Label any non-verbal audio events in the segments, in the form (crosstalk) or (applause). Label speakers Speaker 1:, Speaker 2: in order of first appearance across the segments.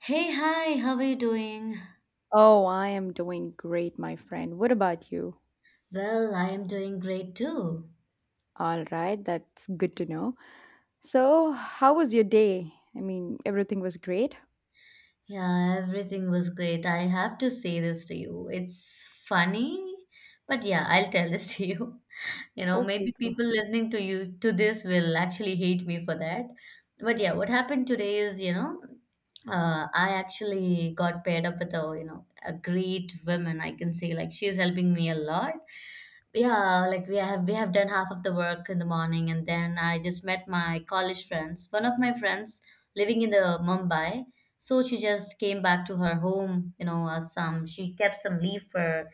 Speaker 1: Hey, hi, how are you doing?
Speaker 2: Oh, I am doing great, my friend. What about you?
Speaker 1: Well, I am doing great too.
Speaker 2: All right, that's good to know. So, how was your day? Everything was great?
Speaker 1: Yeah, everything was great. I have to say this to you. It's funny, but yeah, I'll tell this (laughs) to you. You know,
Speaker 2: Okay,
Speaker 1: maybe
Speaker 2: go.
Speaker 1: people listening to you to this will actually hate me for that. But yeah, what happened today is, I actually got paired up with a great woman. I can say like she is helping me a lot. Yeah, like we have done half of the work in the morning, and then I just met my college friends. One of my friends living in the Mumbai, so she just came back to her home. You know, some She kept some leaf for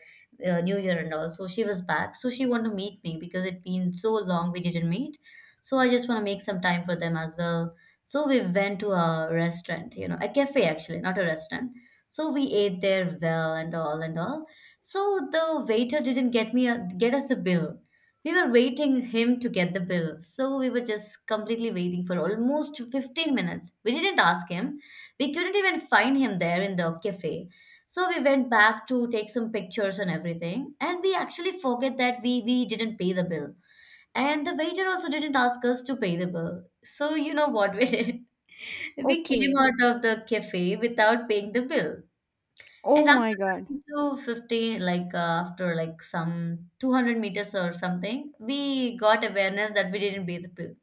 Speaker 1: New Year and all. So she was back. So she wanted to meet me because it been so long we didn't meet. So I just want to make some time for them as well. So we went to a restaurant, a cafe actually, not a restaurant. So we ate there well and all and all. So the waiter didn't get us the bill. We were waiting him to get the bill. So we were just completely waiting for almost 15 minutes. We didn't ask him. We couldn't even find him there in the cafe. So we went back to take some pictures and everything, and we actually forget that we didn't pay the bill, and the waiter also didn't ask us to pay the bill. So you know what we did? (laughs) We came
Speaker 2: Okay.
Speaker 1: out of the cafe without paying the bill, and
Speaker 2: Oh
Speaker 1: after
Speaker 2: my God.
Speaker 1: coming to 50, like after like some 200 meters or something, we got awareness that we didn't pay the bill.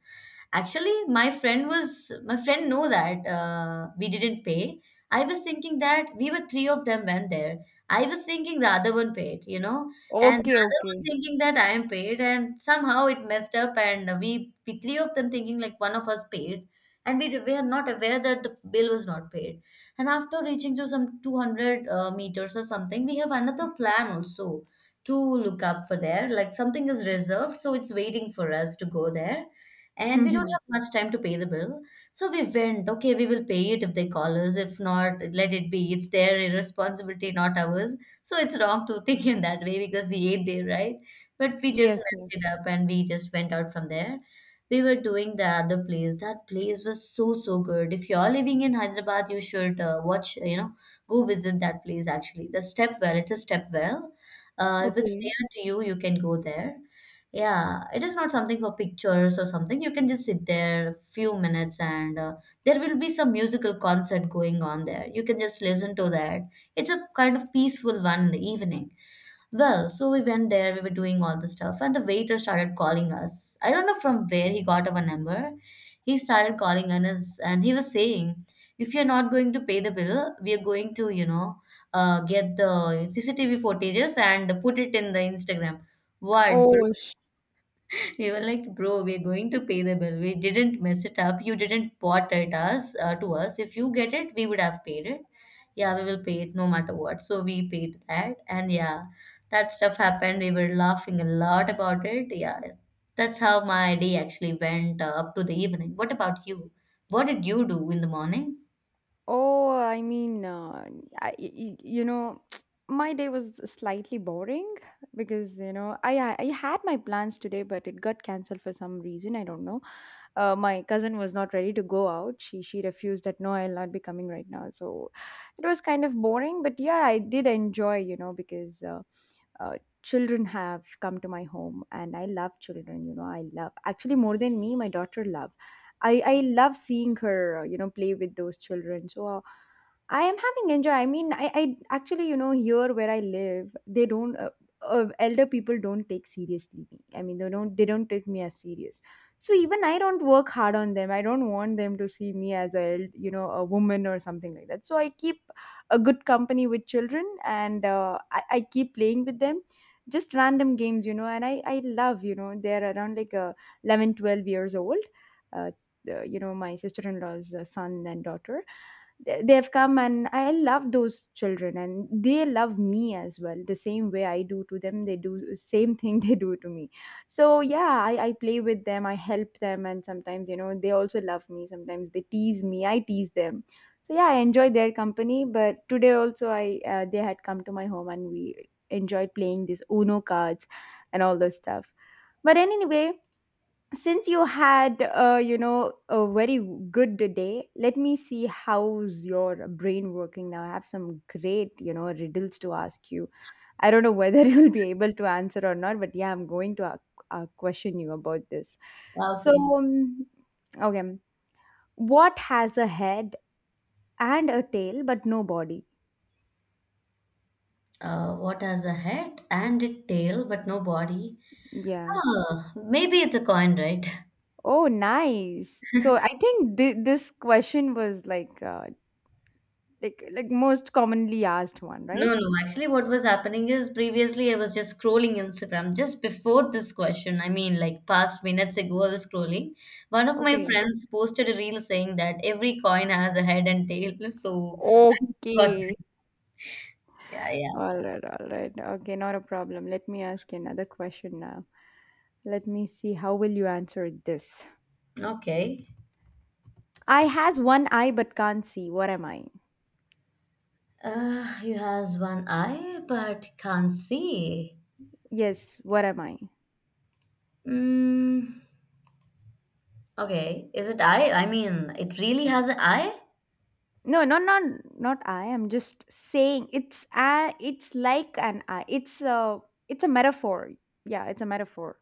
Speaker 1: Actually, my friend know that we didn't pay. I was thinking that we were three of them went there. I was thinking the other one paid, you know, and the
Speaker 2: Okay,
Speaker 1: other
Speaker 2: okay.
Speaker 1: one thinking that I am paid, and somehow it messed up, and we three of them thinking like one of us paid, and we were not aware that the bill was not paid. And after reaching to some 200 meters or something, we have another plan also to look up for there. Like something is reserved, so it's waiting for us to go there, and we don't
Speaker 2: Mm-hmm.
Speaker 1: have much time to pay the bill. So we went, okay, we will pay it if they call us. If not, let it be. It's their irresponsibility, not ours. So it's wrong to (laughs) think in that way because we ate there, right? But we just
Speaker 2: Yes,
Speaker 1: messed it
Speaker 2: yes.
Speaker 1: up and we just went out from there. We were doing the other place. That place was so, so good. If you're living in Hyderabad, you should watch, you know, go visit that place actually. The step well, it's a step well. If it's
Speaker 2: Okay.
Speaker 1: near to you, you can go there. Yeah, it is not something for pictures or something. You can just sit there a few minutes, and there will be some musical concert going on there. You can just listen to that. It's a kind of peaceful one in the evening. Well, so we went there, we were doing all the stuff, and the waiter started calling us. I don't know from where he got our number. He started calling on us, and he was saying, if you're not going to pay the bill, we are going to, get the CCTV footages and put it in the Instagram. What, bro?
Speaker 2: Oh.
Speaker 1: They were like, bro, we're going to pay the bill. We didn't mess it up. You didn't bought it us to us. If you get it, we would have paid it. Yeah, we will pay it no matter what. So we paid that, and yeah, that stuff happened. We were laughing a lot about it. Yeah, that's how my day actually went up to the evening. What about you? What did you do in the morning?
Speaker 2: Oh, I mean, I, y- y- you know, (tsk) my day was slightly boring because, I had my plans today, but it got canceled for some reason. I don't know. My cousin was not ready to go out. She refused that no, I'll not be coming right now. So it was kind of boring, but yeah, I did enjoy, you know, because uh, children have come to my home and I love children, you know. I love, actually more than me, my daughter love. I love seeing her, you know, play with those children. I am having enjoy. I mean, I actually, you know, here where I live, they don't. Elder people don't take seriously me. I mean, they don't. They don't take me as serious. So even I don't work hard on them. I don't want them to see me as a, you know, a woman or something like that. So I keep a good company with children, and I keep playing with them, just random games, you know. And I love, you know, they're around like 11, 12 years old. Uh, you know, my sister-in-law's son and daughter they've come, and I love those children, and they love me as well. The same way I do to them, they do the same thing (laughs) they do to me. So yeah, I play with them, I help them, and sometimes, you know, they also love me. Sometimes they tease me, I tease them. So yeah, I enjoy their company. But today also I they had come to my home and we enjoyed playing these Uno cards and all those stuff. But anyway, since you had, you know, a very good day, let me see how's your brain working now. I have some great, you know, riddles to ask you. I don't know whether (laughs) you'll be able to answer or not, but yeah, I'm going to question you about this. so
Speaker 1: Okay.
Speaker 2: um, okay, what has a head and a tail but no body?
Speaker 1: What has a head and a tail but no body?
Speaker 2: Yeah.
Speaker 1: Huh, maybe it's a coin, right?
Speaker 2: Oh, nice. So I think this question was like, like most commonly asked one, right?
Speaker 1: No, no. Actually, what was happening is previously I was just scrolling Instagram just before this question. I mean, like past minutes ago, I was scrolling. One of my
Speaker 2: Okay.
Speaker 1: friends posted a reel saying that every coin has a head and tail. So, (laughs) but
Speaker 2: Okay.
Speaker 1: yeah, yeah.
Speaker 2: All right, all right. Okay, not a problem. Let me ask you another question now. Let me see how will you answer this.
Speaker 1: Okay.
Speaker 2: I has one eye but can't see. What am I?
Speaker 1: You has one eye but can't see.
Speaker 2: Yes, what am I?
Speaker 1: Mm, okay. Is it eye? I mean, it really has an eye?
Speaker 2: No, no, not not I. I'm just saying it's a, it's like an eye. It's a, it's a metaphor. Yeah, it's a metaphor.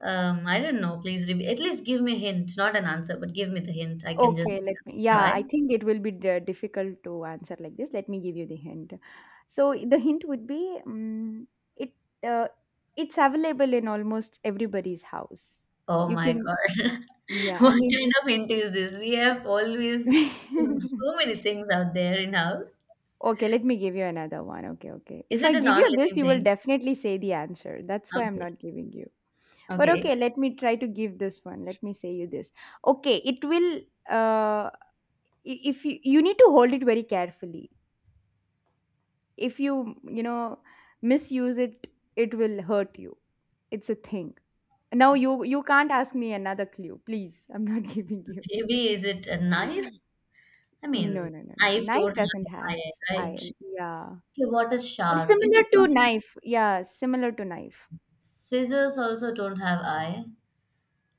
Speaker 1: I don't know. Please, at least give me a hint, not an answer, but give me the hint. I can
Speaker 2: Okay,
Speaker 1: just
Speaker 2: let me. Yeah,
Speaker 1: try.
Speaker 2: I think it will be di- difficult to answer like this. Let me give you the hint. So the hint would be it uh, it's available in almost everybody's house.
Speaker 1: Oh
Speaker 2: You
Speaker 1: my
Speaker 2: can,
Speaker 1: God. (laughs)
Speaker 2: yeah, I
Speaker 1: What
Speaker 2: mean.
Speaker 1: kind of hint is this? We have always
Speaker 2: (laughs)
Speaker 1: so many things out there in house.
Speaker 2: Okay, let me give you another one. Okay, okay.
Speaker 1: Is
Speaker 2: If I
Speaker 1: it a
Speaker 2: give you this,
Speaker 1: non-living
Speaker 2: you will
Speaker 1: thing?
Speaker 2: definitely say the answer. That's why I'm not
Speaker 1: Okay.
Speaker 2: giving you. But
Speaker 1: Okay.
Speaker 2: okay, let me try to give this one. Let me say you this. Okay, uh if you, you need to hold it very carefully. If you, you know, misuse it, it will hurt you. It's a thing. Now you can't ask me another clue, please. I'm not (laughs) giving you.
Speaker 1: Maybe is it a knife? I
Speaker 2: No,
Speaker 1: mean,
Speaker 2: no, no, no,
Speaker 1: knife
Speaker 2: knife
Speaker 1: don't have
Speaker 2: doesn't
Speaker 1: an eye,
Speaker 2: has.
Speaker 1: right?
Speaker 2: Iron,
Speaker 1: Okay,
Speaker 2: yeah,
Speaker 1: what is
Speaker 2: but
Speaker 1: sharp? Is
Speaker 2: similar
Speaker 1: it
Speaker 2: to
Speaker 1: something?
Speaker 2: knife, yeah, similar to knife.
Speaker 1: Scissors also don't have eye.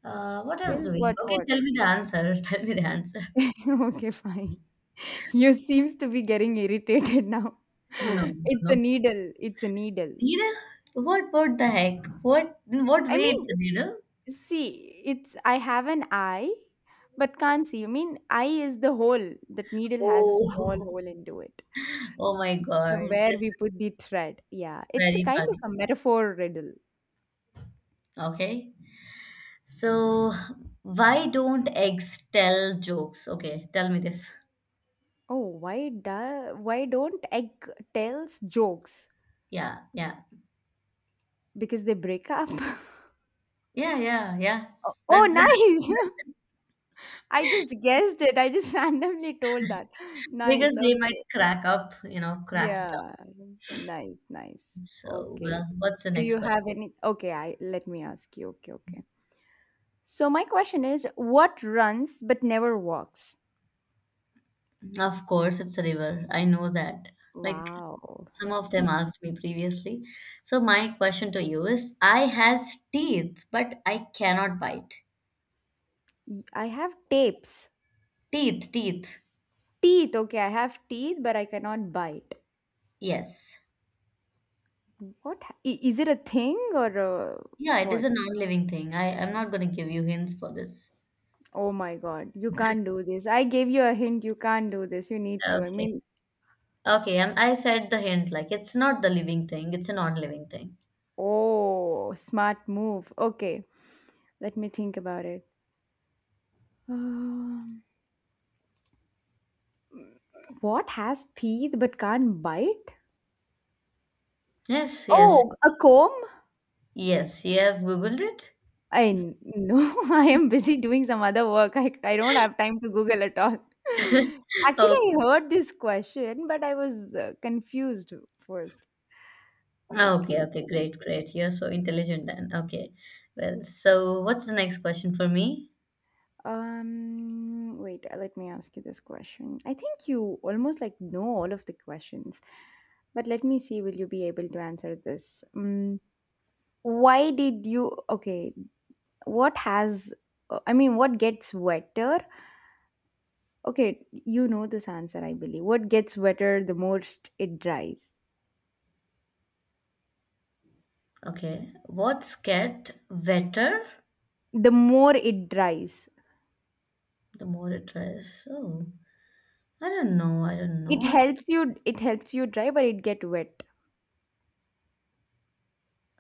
Speaker 1: What else
Speaker 2: Still,
Speaker 1: do we
Speaker 2: what,
Speaker 1: have? Okay,
Speaker 2: what?
Speaker 1: tell me the answer. (laughs) Tell me the answer.
Speaker 2: (laughs) Okay, fine. (laughs) You seems to be getting irritated now.
Speaker 1: No,
Speaker 2: (laughs) It's
Speaker 1: no.
Speaker 2: a needle. It's a needle.
Speaker 1: Needle? What? What the heck? What? In what
Speaker 2: I
Speaker 1: way it's
Speaker 2: mean,
Speaker 1: a needle?
Speaker 2: see, it's, I have an eye, but can't see. I mean, eye is the hole. That needle has a small
Speaker 1: Oh, (laughs)
Speaker 2: hole into it.
Speaker 1: oh my God,
Speaker 2: From
Speaker 1: this
Speaker 2: where
Speaker 1: is
Speaker 2: we put the thread. Yeah, it's a
Speaker 1: very
Speaker 2: kind of
Speaker 1: funny.
Speaker 2: a metaphor riddle.
Speaker 1: Okay. So, why don't eggs tell jokes? Okay, tell me this.
Speaker 2: Oh, why don't egg tells jokes?
Speaker 1: Yeah, yeah.
Speaker 2: Because they break up. (laughs)
Speaker 1: Yeah, yeah,
Speaker 2: Oh,
Speaker 1: yes. That's
Speaker 2: oh,
Speaker 1: it.
Speaker 2: nice.
Speaker 1: (laughs)
Speaker 2: (laughs) I just guessed it. I just (laughs) randomly told that. Nice.
Speaker 1: Because they might
Speaker 2: Okay.
Speaker 1: crack up, you know, crack it up.
Speaker 2: Yeah. Nice, nice.
Speaker 1: So,
Speaker 2: Okay.
Speaker 1: well, what's the
Speaker 2: Do
Speaker 1: next
Speaker 2: you
Speaker 1: question?
Speaker 2: have any? Okay, I let me ask you. Okay, okay. So my question is, what runs but never walks?
Speaker 1: Of course, it's a river. I know that. Like
Speaker 2: Wow.
Speaker 1: some of them
Speaker 2: (laughs)
Speaker 1: asked me previously. So, my question to you is, I has teeth, but I cannot bite.
Speaker 2: I have tapes.
Speaker 1: Teeth, teeth.
Speaker 2: Teeth, okay, I have teeth, but I cannot bite.
Speaker 1: Yes.
Speaker 2: What is it a thing or uh,
Speaker 1: Yeah, it is
Speaker 2: what?
Speaker 1: a non-living thing. I'm not going to give you hints for this.
Speaker 2: Oh my God, you can't do this. I gave you a hint, you can't do this. You need to. I
Speaker 1: Okay.
Speaker 2: mean,
Speaker 1: Okay, I said the hint like it's not the living thing, it's a non-living thing.
Speaker 2: oh, smart move. Okay, let me think about it. Um, what has teeth but can't bite?
Speaker 1: Yes, yes.
Speaker 2: Oh, a comb?
Speaker 1: Yes, you have Googled it?
Speaker 2: I no, (laughs) I am busy doing some other work. I don't have time to Google at all. (laughs) Actually, I
Speaker 1: (laughs)
Speaker 2: heard this question, but I was, confused first.
Speaker 1: Oh,
Speaker 2: Okay.
Speaker 1: okay, okay,
Speaker 2: Okay.
Speaker 1: great, great. You're so intelligent then. Okay. Well, so what's the next question for me?
Speaker 2: Wait, let me ask you this question. I think you almost like know all of the questions, but let me see, will you be able to answer this? Why did you, okay, what has, I mean, What gets wetter? Okay, you know this answer, I believe. What gets wetter the most it dries.
Speaker 1: Okay. What's get wetter
Speaker 2: The more it dries.
Speaker 1: the more it tries? Oh, I don't know. I don't know actually.
Speaker 2: It helps you dry, but it get wet.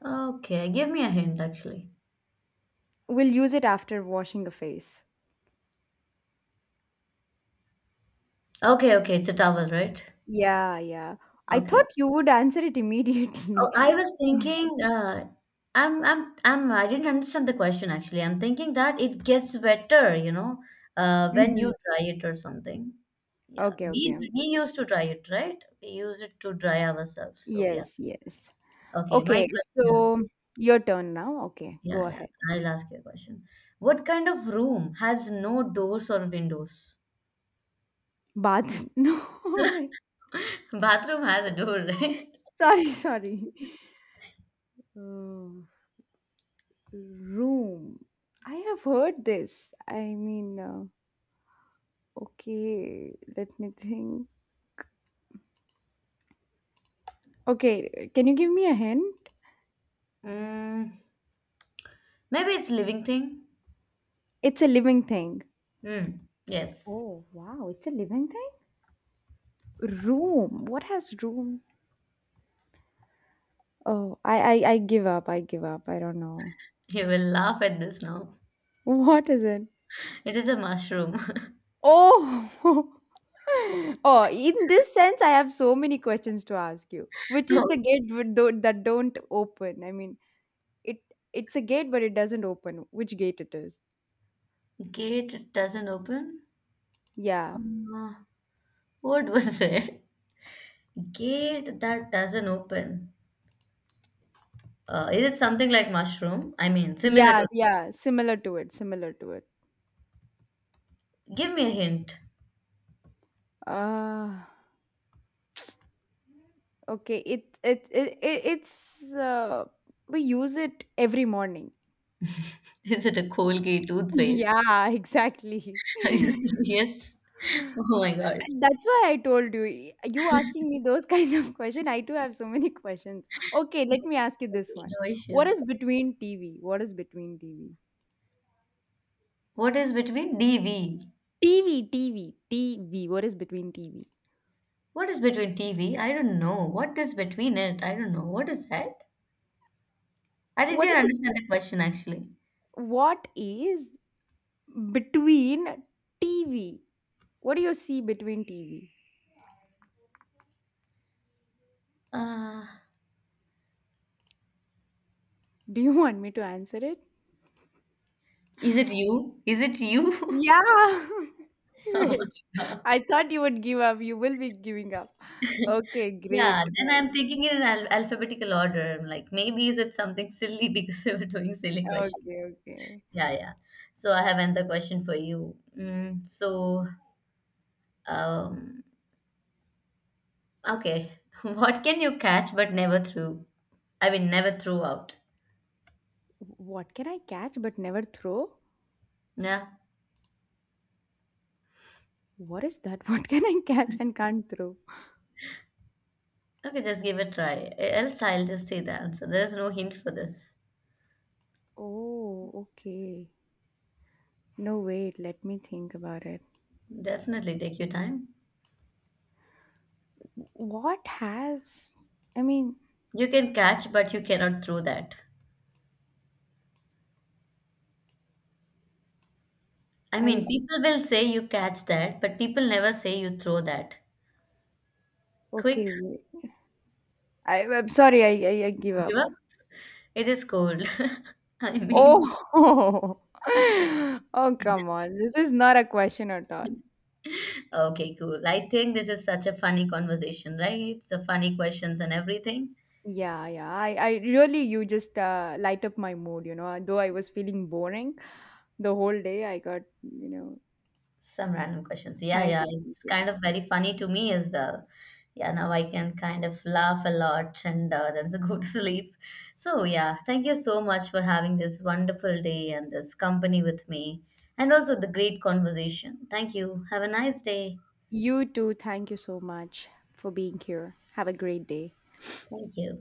Speaker 1: Okay, give me a hint actually.
Speaker 2: We'll use it after washing a face.
Speaker 1: Okay, okay, it's a towel, right?
Speaker 2: Yeah, yeah. I
Speaker 1: Okay,
Speaker 2: thought you would answer it
Speaker 1: oh,
Speaker 2: immediately.
Speaker 1: I was thinking, I didn't understand the question actually. I'm thinking that it gets wetter, you know,
Speaker 2: (laughs)
Speaker 1: when you
Speaker 2: Hmm.
Speaker 1: dry it or something. Yeah,
Speaker 2: Okay,
Speaker 1: we
Speaker 2: okay.
Speaker 1: we used to dry it, right? We use it to dry ourselves. So yeah.
Speaker 2: Yes, yes.
Speaker 1: Okay, my
Speaker 2: Okay,
Speaker 1: question.
Speaker 2: so your turn now. Okay,
Speaker 1: Yeah,
Speaker 2: go
Speaker 1: yeah.
Speaker 2: ahead.
Speaker 1: I'll ask you a question. What kind of room has no doors or windows?
Speaker 2: Bath. (laughs) No, wait.
Speaker 1: (laughs) Bathroom has a door, (laughs) right?
Speaker 2: Sorry, sorry. Oh. Room. I have heard this. Okay, let me think. Okay, can you give me a hint?
Speaker 1: Mm, maybe it's living thing.
Speaker 2: It's a living thing.
Speaker 1: Hmm. Yes.
Speaker 2: Oh, wow, it's a living thing? Room. What has room? Oh, I give up. I give up. I don't know.
Speaker 1: You will laugh at this now.
Speaker 2: (laughs) What is it?
Speaker 1: It is a mushroom. (laughs)
Speaker 2: Oh, (laughs) oh. In this sense, I have so many questions to ask you. Which is the
Speaker 1: Oh.
Speaker 2: gate with tho- that don't open? I mean, it, it's a gate, but it doesn't open. Which gate it is?
Speaker 1: Gate doesn't open.
Speaker 2: Yeah.
Speaker 1: Uh, what was (laughs) it? Gate that doesn't open. Is it something like mushroom? I mean, similar
Speaker 2: Yeah,
Speaker 1: to.
Speaker 2: yeah, similar to it, similar to it.
Speaker 1: Give me a hint.
Speaker 2: Uh okay, it it's we use it every morning.
Speaker 1: (laughs) Is it a Colgate
Speaker 2: (laughs)
Speaker 1: toothpaste?
Speaker 2: Yeah, exactly. (laughs)
Speaker 1: (laughs) Are you serious? (laughs) Oh my God.
Speaker 2: And that's why I told you. You asking me those (laughs) kind of question, I do have so many questions. Okay, let me ask you this one. What
Speaker 1: Delicious.
Speaker 2: is between TV? What is between TV?
Speaker 1: What is between DV?
Speaker 2: TV, TV, TV. What is between TV?
Speaker 1: What is between TV? I don't know. What is between it? I don't know. What is that? I didn't
Speaker 2: What
Speaker 1: even
Speaker 2: do you s-
Speaker 1: understand the question actually.
Speaker 2: What is between TV? What do you see between TV?
Speaker 1: Uh,
Speaker 2: Do you (laughs) want me to answer it?
Speaker 1: Is it you? Is it you? (laughs)
Speaker 2: Yeah. (laughs)
Speaker 1: Oh,
Speaker 2: Shit. I thought you would give up. You will be giving up. Okay,
Speaker 1: yeah,
Speaker 2: great.
Speaker 1: then I'm
Speaker 2: Nice.
Speaker 1: thinking in al alphabetical order. I'm like, maybe is it something silly (laughs) because we were doing silly questions.
Speaker 2: Okay, okay.
Speaker 1: Yeah, yeah. So I have another question for you. Mm, so, um, okay, (laughs) what can you catch but never throw? I mean, never throw out.
Speaker 2: What can I catch but never throw?
Speaker 1: Yeah.
Speaker 2: What is that? (laughs) What can I catch and can't throw?
Speaker 1: Okay, just give it a try. Else I'll just say the answer. There's no hint for this.
Speaker 2: Oh, okay. No, wait. Let me think about it.
Speaker 1: Definitely take your time.
Speaker 2: What has. I mean,
Speaker 1: You can catch, but you cannot throw that. I mean,
Speaker 2: I.
Speaker 1: people will say you catch that, but people never say you throw that. Quick,
Speaker 2: Okay, wait. I'm sorry. I I give
Speaker 1: give
Speaker 2: up.
Speaker 1: up. It is cold. (laughs) I mean,
Speaker 2: Oh, (laughs) oh, come on. This is not a question at all.
Speaker 1: okay, cool. I think this is such a funny conversation, right? The funny questions and everything.
Speaker 2: Yeah, yeah. I really, you just light up my mood, you know. Though I was feeling boring the whole day, I got, you know,
Speaker 1: Some random questions. Yeah,
Speaker 2: thank
Speaker 1: yeah.
Speaker 2: you, thank
Speaker 1: It's
Speaker 2: you.
Speaker 1: kind of very funny to me as well. Yeah, now I can kind of laugh a lot, and then (laughs) go to sleep. So, yeah, thank you so much for having this wonderful day and this company with me, and also the great conversation. Thank you. Have a nice day.
Speaker 2: You too. Thank you so much for being here. Have a great day.
Speaker 1: Thank you.